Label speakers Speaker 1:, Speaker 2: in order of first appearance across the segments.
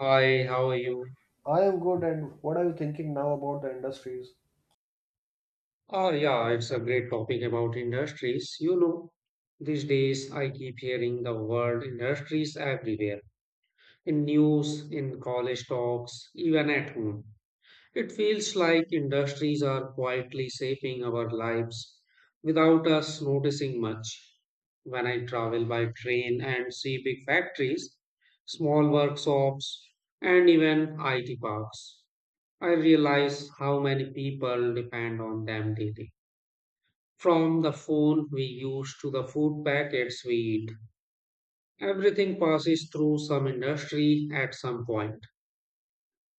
Speaker 1: Hi, how are you?
Speaker 2: I am good, and what are you thinking now about the industries?
Speaker 1: Oh, yeah, it's a great topic about industries. You know, these days I keep hearing the word industries everywhere, in news, in college talks, even at home. It feels like industries are quietly shaping our lives without us noticing much. When I travel by train and see big factories, small workshops, and even IT parks. I realize how many people depend on them daily. From the phone we use to the food packets we eat, everything passes through some industry at some point.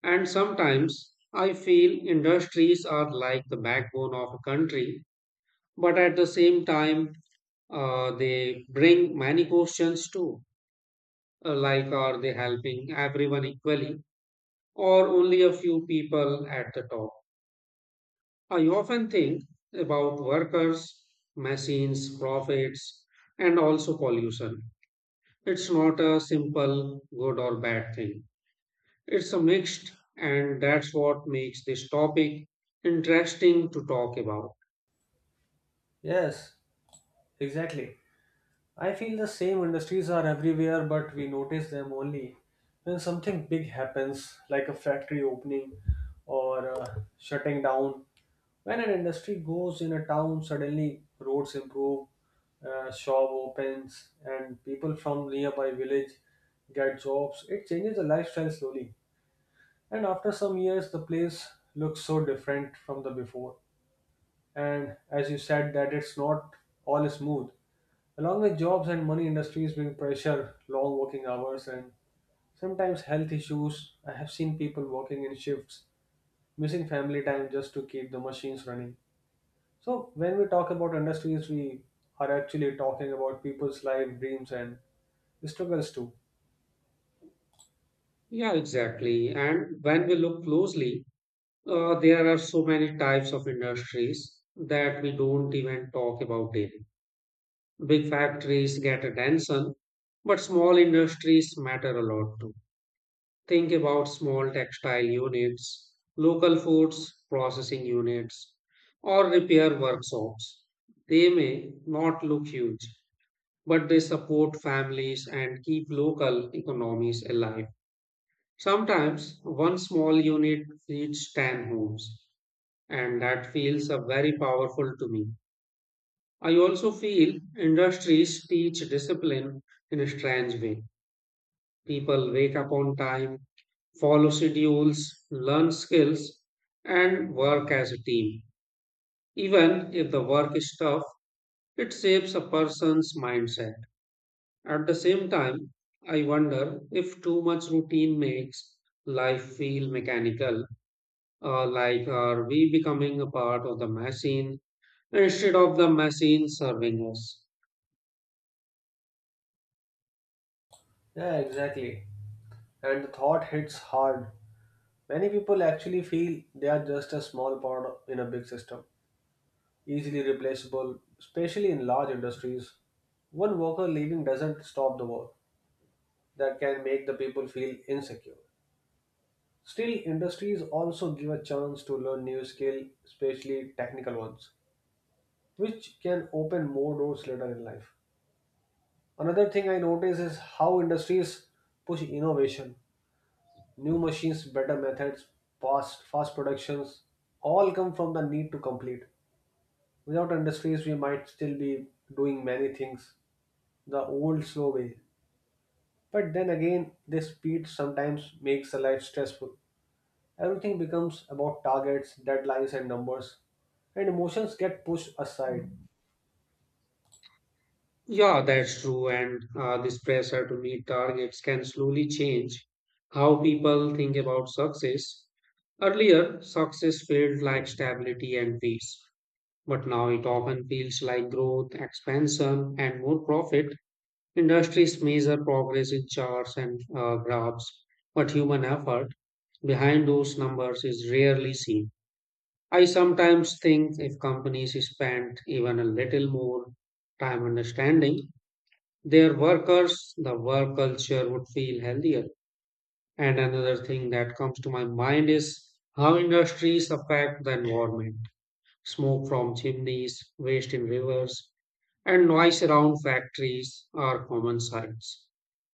Speaker 1: And sometimes I feel industries are like the backbone of a country, but at the same time, they bring many questions too. Like, are they helping everyone equally, or only a few people at the top? I often think about workers, machines, profits, and also pollution. It's not a simple good or bad thing. It's a mixed, and that's what makes this topic interesting to talk about.
Speaker 2: Yes, exactly. I feel the same industries are everywhere, but we notice them only when something big happens, like a factory opening or shutting down. When an industry goes in a town, suddenly roads improve, shop opens, and people from nearby village get jobs. It changes the lifestyle slowly, and after some years, the place looks so different from the before. And as you said that it's not all smooth, along with jobs and money industries bring pressure, long working hours and sometimes health issues. I have seen people working in shifts, missing family time just to keep the machines running. So when we talk about industries, we are actually talking about people's life, dreams, and struggles too.
Speaker 1: Yeah, exactly. And when we look closely, there are so many types of industries that we don't even talk about daily. Big factories get attention, but small industries matter a lot too. Think about small textile units, local foods processing units, or repair workshops. They may not look huge, but they support families and keep local economies alive. Sometimes one small unit feeds 10 homes, and that feels very powerful to me. I also feel industries teach discipline in a strange way. People wake up on time, follow schedules, learn skills, and work as a team. Even if the work is tough, it shapes a person's mindset. At the same time, I wonder if too much routine makes life feel mechanical, like, are we becoming a part of the machine instead of the machine serving us?
Speaker 2: Yeah, exactly, and the thought hits hard. Many people actually feel they are just a small part in a big system, easily replaceable, especially in large industries. One worker leaving doesn't stop the work, that can make the people feel insecure. Still, industries also give a chance to learn new skills, especially technical ones, which can open more doors later in life. Another thing I notice is how industries push innovation. New machines, better methods, fast productions, all come from the need to complete. Without industries, we might still be doing many things the old slow way. But then again, this speed sometimes makes a life stressful. Everything becomes about targets, deadlines, and numbers, and emotions get pushed aside.
Speaker 1: Yeah, that's true. And this pressure to meet targets can slowly change how people think about success. Earlier, success felt like stability and peace, but now it often feels like growth, expansion, and more profit. Industries measure progress in charts and graphs, but human effort behind those numbers is rarely seen. I sometimes think if companies spent even a little more time understanding their workers, the work culture would feel healthier. And another thing that comes to my mind is how industries affect the environment. Smoke from chimneys, waste in rivers, and noise around factories are common sights.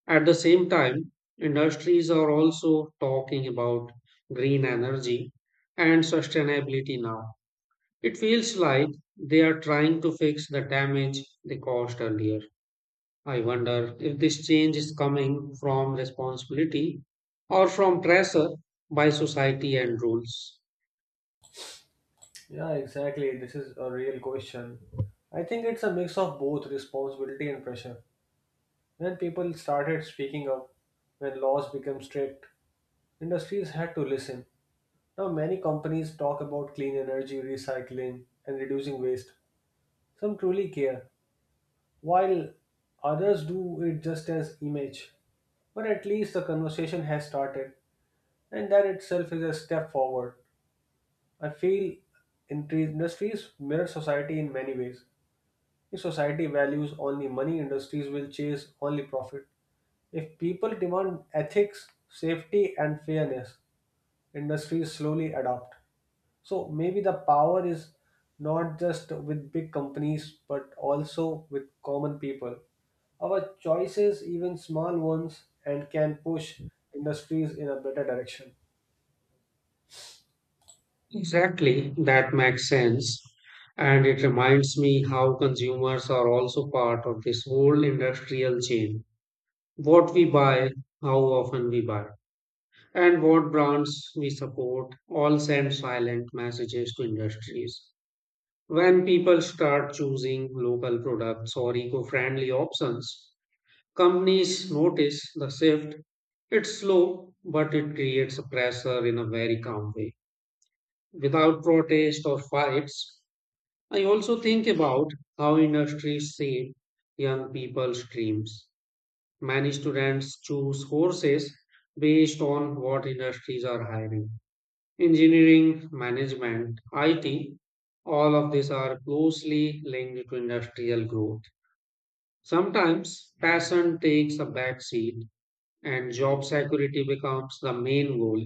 Speaker 1: At the same time, industries are also talking about green energy and sustainability now. It feels like they are trying to fix the damage they caused earlier. I wonder if this change is coming from responsibility or from pressure by society and rules.
Speaker 2: Yeah, exactly. This is a real question. I think it's a mix of both responsibility and pressure. When people started speaking up, when laws became strict, industries had to listen. Now, many companies talk about clean energy, recycling, and reducing waste. Some truly care, while others do it just as image. But at least the conversation has started, and that itself is a step forward. I feel in tree industries mirror society in many ways. If society values only money, industries will chase only profit. If people demand ethics, safety, and fairness, industries slowly adopt. So maybe the power is not just with big companies, but also with common people. Our choices, even small ones, and can push industries in a better direction.
Speaker 1: Exactly, that makes sense. And it reminds me how consumers are also part of this whole industrial chain. What we buy, how often we buy, and what brands we support all send silent messages to industries. When people start choosing local products or eco friendly options, companies notice the shift. It's slow, but it creates a pressure in a very calm way, without protest or fights. I also think about how industries shape young people's dreams. Many students choose courses based on what industries are hiring. Engineering, management, IT, all of these are closely linked to industrial growth. Sometimes passion takes a backseat and job security becomes the main goal.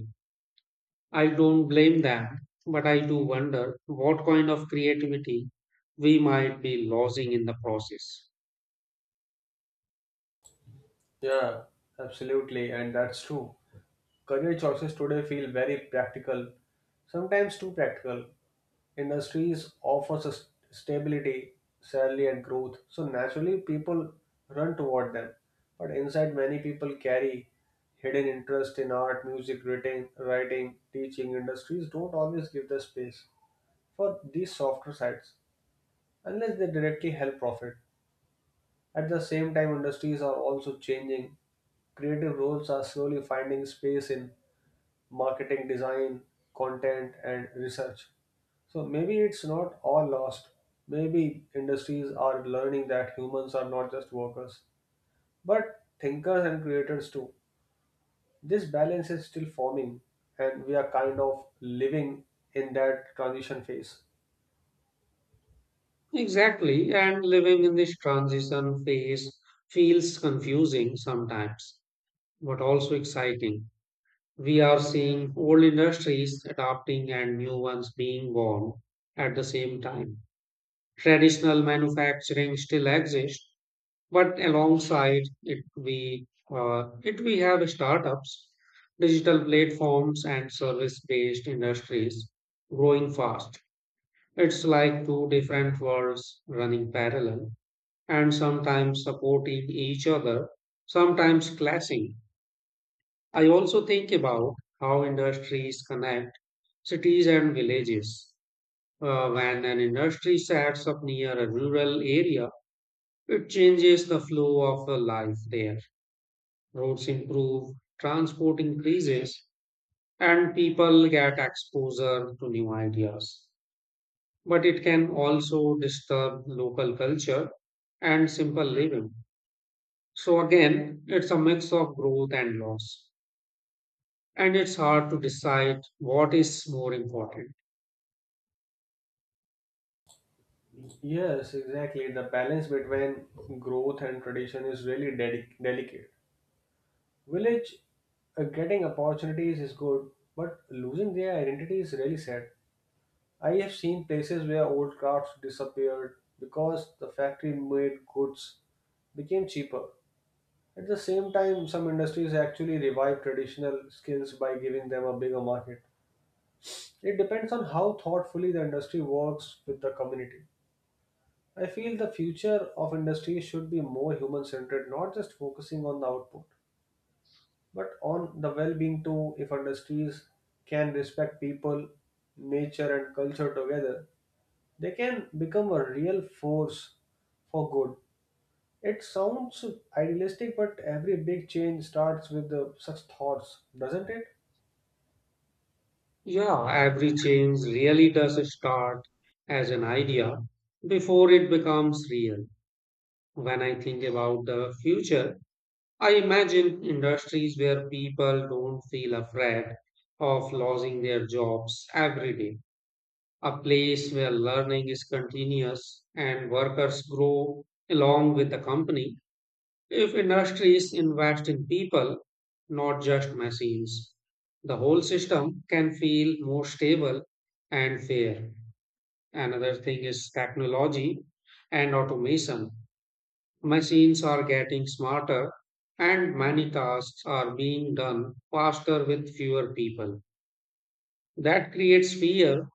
Speaker 1: I don't blame them, but I do wonder what kind of creativity we might be losing in the process.
Speaker 2: Yeah, absolutely, and that's true. Career choices today feel very practical, sometimes too practical. Industries offer sus- stability, salary, and growth, so naturally people run toward them. But inside, many people carry hidden interest in art, music, writing, teaching. Industries don't always give the space for these softer sides unless they directly help profit. At the same time, industries are also changing, creative roles are slowly finding space in marketing design, content, and research. So maybe it's not all lost. Maybe industries are learning that humans are not just workers, but thinkers and creators too. This balance is still forming, and we are kind of living in that transition phase.
Speaker 1: Exactly, and living in this transition phase feels confusing sometimes, but also exciting. We are seeing old industries adapting and new ones being born at the same time. Traditional manufacturing still exists. But alongside it, we have startups, digital platforms, and service-based industries growing fast. It's like two different worlds running parallel and sometimes supporting each other, sometimes clashing. I also think about how industries connect cities and villages. When an industry sets up near a rural area, it changes the flow of the life there. Roads improve, transport increases, and people get exposure to new ideas. But it can also disturb local culture and simple living. So, again, it's a mix of growth and loss, and it's hard to decide what is more important.
Speaker 2: Yes, exactly. The balance between growth and tradition is really dedic delicate. Village getting opportunities is good, but losing their identity is really sad. I have seen places where old crafts disappeared because the factory made goods became cheaper. At the same time, some industries actually revive traditional skills by giving them a bigger market. It depends on how thoughtfully the industry works with the community. I feel the future of industry should be more human centered, not just focusing on the output, but on the well being too. If industries can respect people, nature, and culture together, they can become a real force for good. It sounds idealistic, but every big change starts with the, such thoughts, doesn't it?
Speaker 1: Yeah, every change really does start as an idea before it becomes real. When I think about the future, I imagine industries where people don't feel afraid of losing their jobs every day, a place where learning is continuous and workers grow along with the company. If industries invest in people, not just machines, the whole system can feel more stable and fair. Another thing is technology and automation. Machines are getting smarter and many tasks are being done faster with fewer people. That creates fear,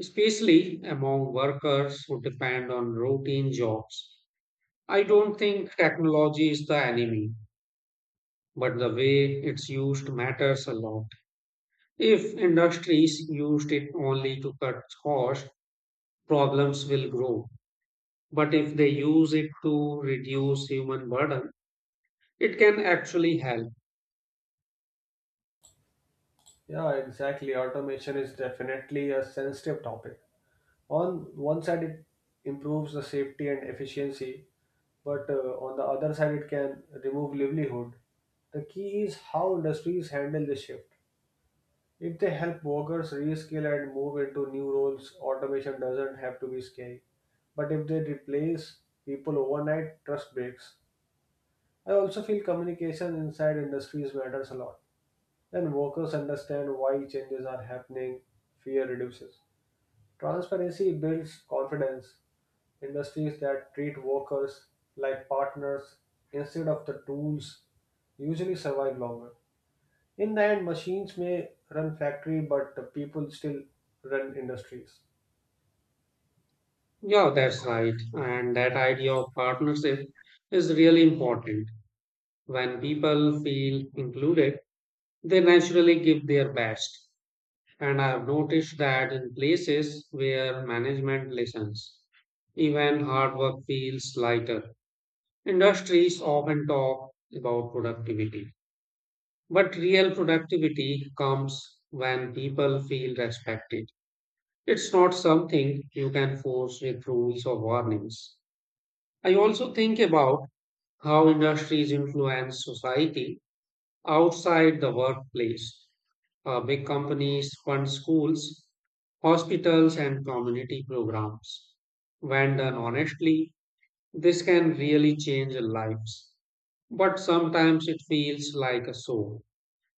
Speaker 1: especially among workers who depend on routine jobs. I don't think technology is the enemy, but the way it's used matters a lot. If industries used it only to cut costs, problems will grow. But if they use it to reduce human burden, it can actually help.
Speaker 2: Yeah, exactly. Automation is definitely a sensitive topic. On one side, it improves the safety and efficiency, but on the other side, it can remove livelihood. The key is how industries handle this shift. If they help workers reskill and move into new roles, automation doesn't have to be scary. But if they replace people overnight, trust breaks. I also feel communication inside industries matters a lot. When workers understand why changes are happening, fear reduces. Transparency builds confidence. Industries that treat workers like partners instead of the tools usually survive longer. In the end, machines may run factory, but the people still run industries.
Speaker 1: Yeah, that's right. And that idea of partnership is really important. When people feel included, they naturally give their best. And I've noticed that in places where management listens, even hard work feels lighter. Industries often talk about productivity, but real productivity comes when people feel respected. It's not something you can force with rules or warnings. I also think about how industries influence society outside the workplace. Big companies fund schools, hospitals, and community programs. When done honestly, this can really change lives. But sometimes it feels like a show,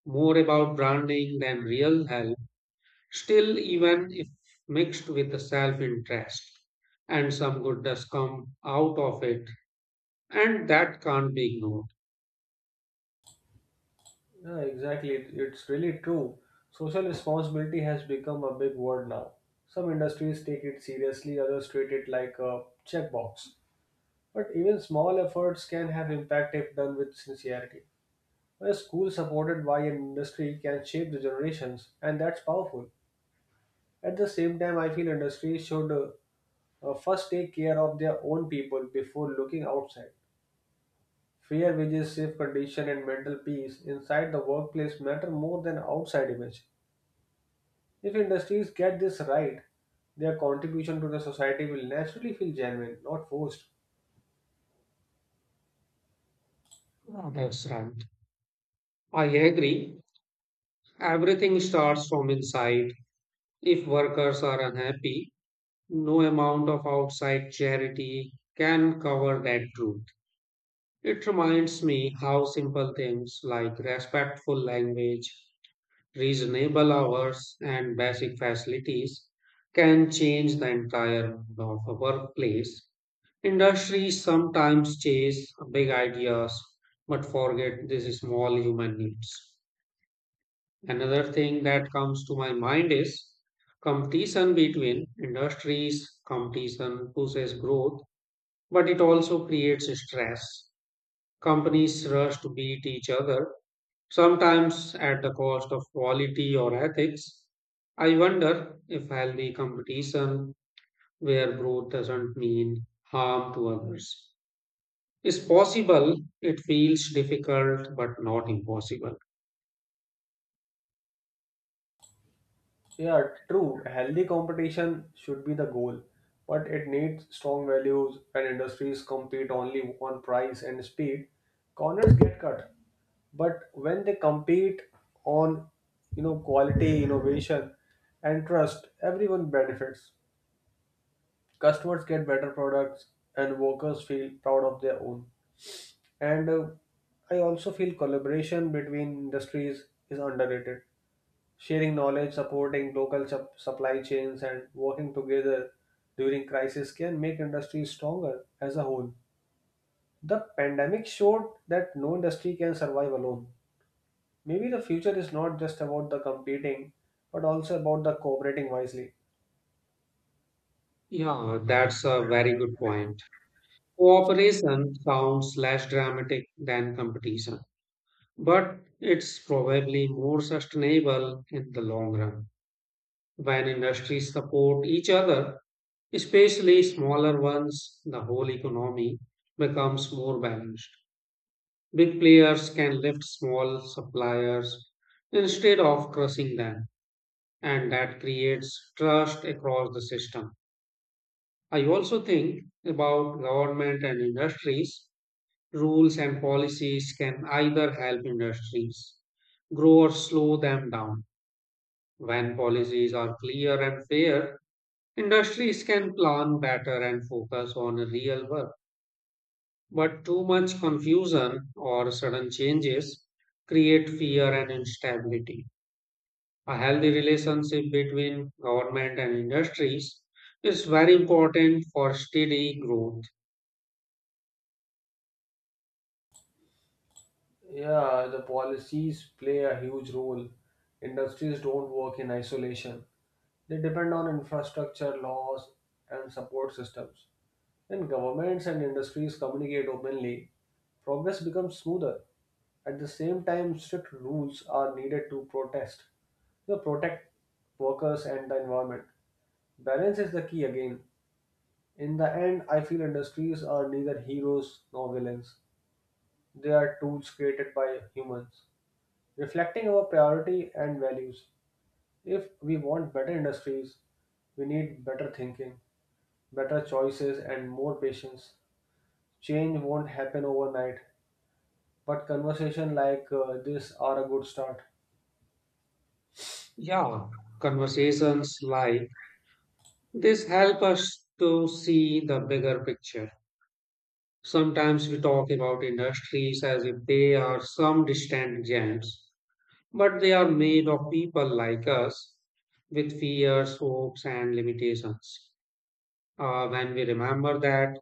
Speaker 1: more about branding than real help. Still, even if mixed with the self interest, And some good does come out of it, and that can't be ignored.
Speaker 2: Yeah, exactly. It's really true. Social responsibility has become a big word now. Some industries take it seriously, others treat it like a checkbox. But even small efforts can have impact if done with sincerity. A school supported by an industry can shape the generations, and that's powerful. At the same time, I feel industries should first take care of their own people before looking outside. Fear wages safe condition and mental peace inside the workplace matter more than outside image. If industries get this right, their contribution to the society will naturally feel genuine, not forced.
Speaker 1: Ah, that's right. I agree. Everything starts from inside. If workers are unhappy, no amount of outside charity can cover that truth. It reminds me how simple things like respectful language, reasonable hours, and basic facilities can change the entire mood of a workplace. Industries sometimes chase big ideas but forget these small human needs. Another thing that comes to my mind is competition between industries. Competition pushes growth, but it also creates stress. Companies rush to beat each other, sometimes at the cost of quality or ethics. I wonder if healthy competition, where growth doesn't mean harm to others, is possible. It feels difficult, but not impossible.
Speaker 2: Yeah, true, healthy competition should be the goal, but it needs strong values when industries compete only on price and speed. Corners get cut, but when they compete on you know quality, innovation and trust, everyone benefits. Customers get better products and workers feel proud of their own. And I also feel collaboration between industries is underrated. Sharing knowledge, supporting local sup- supply chains, and working together during crisis can make industries stronger as a whole. The pandemic showed that no industry can survive alone. Maybe the future is not just about the competing, but also about the cooperating wisely.
Speaker 1: Yeah, that's a very good point. Cooperation sounds less dramatic than competition, but it's probably more sustainable in the long run. When industries support each other, especially smaller ones, the whole economy becomes more balanced. Big players can lift small suppliers instead of crushing them, and that creates trust across the system. I also think about government and industries. Rules and policies can either help industries grow or slow them down. When policies are clear and fair, industries can plan better and focus on real work. But too much confusion or sudden changes create fear and instability. A healthy relationship between government and industries is very important for steady growth.
Speaker 2: Yeah, the policies play a huge role. Industries don't work in isolation. They depend on infrastructure, laws, and support systems. When governments and industries communicate openly, progress becomes smoother. At the same time, strict rules are needed to protest, to protect workers and the environment. Balance is the key again. In the end, I feel industries are neither heroes nor villains. They are tools created by humans reflecting our priority and values. If we want better industries, we need better thinking, better choices, and more patience. Change won't happen overnight, but conversation like this are a good start.
Speaker 1: Yeah, conversations like this helps us to see the bigger picture. Sometimes we talk about industries as if they are some distant giants, but they are made of people like us with fears, hopes, and limitations. When we remember that,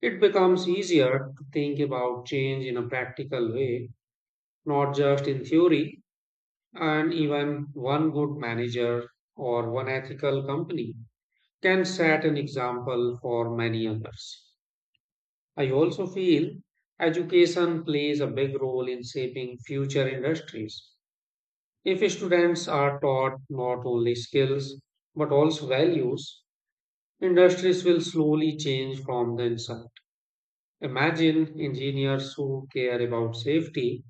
Speaker 1: it becomes easier to think about change in a practical way, not just in theory. And even one good manager or one ethical company can set an example for many others. I also feel education plays a big role in shaping future industries. If students are taught not only skills but also values, industries will slowly change from the inside. Imagine engineers who care about safety,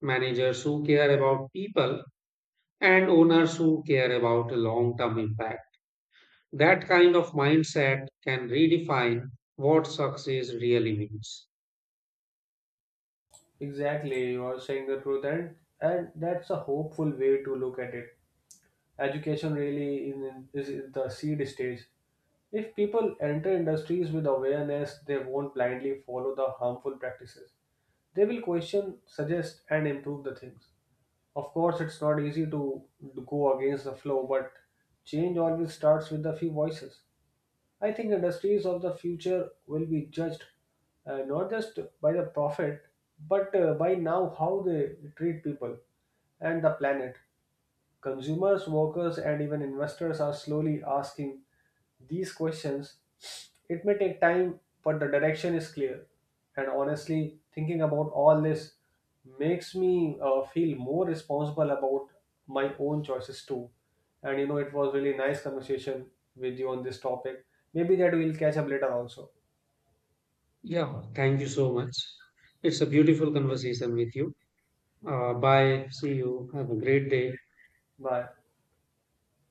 Speaker 1: managers who care about people, and owners who care about a long term impact. That kind of mindset can redefine what success really means.
Speaker 2: Exactly, you are saying the truth, and that's a hopeful way to look at it. Education really in, is in the seed stage. If people enter industries with awareness, they won't blindly follow the harmful practices. They will question, suggest, and improve the things. Of course, it's not easy to go against the flow, but change always starts with a few voices. I think industries of the future will be judged not just by the profit, but by now how they treat people and the planet. Consumers, workers, and even investors are slowly asking these questions. It may take time, but the direction is clear. And honestly, thinking about all this makes me feel more responsible about my own choices too. And you know, it was really nice conversation with you on this topic. Maybe that we'll catch up later also.
Speaker 1: Yeah, thank you so much. It's a beautiful conversation with you. Bye. See you. Have a great day.
Speaker 2: Bye.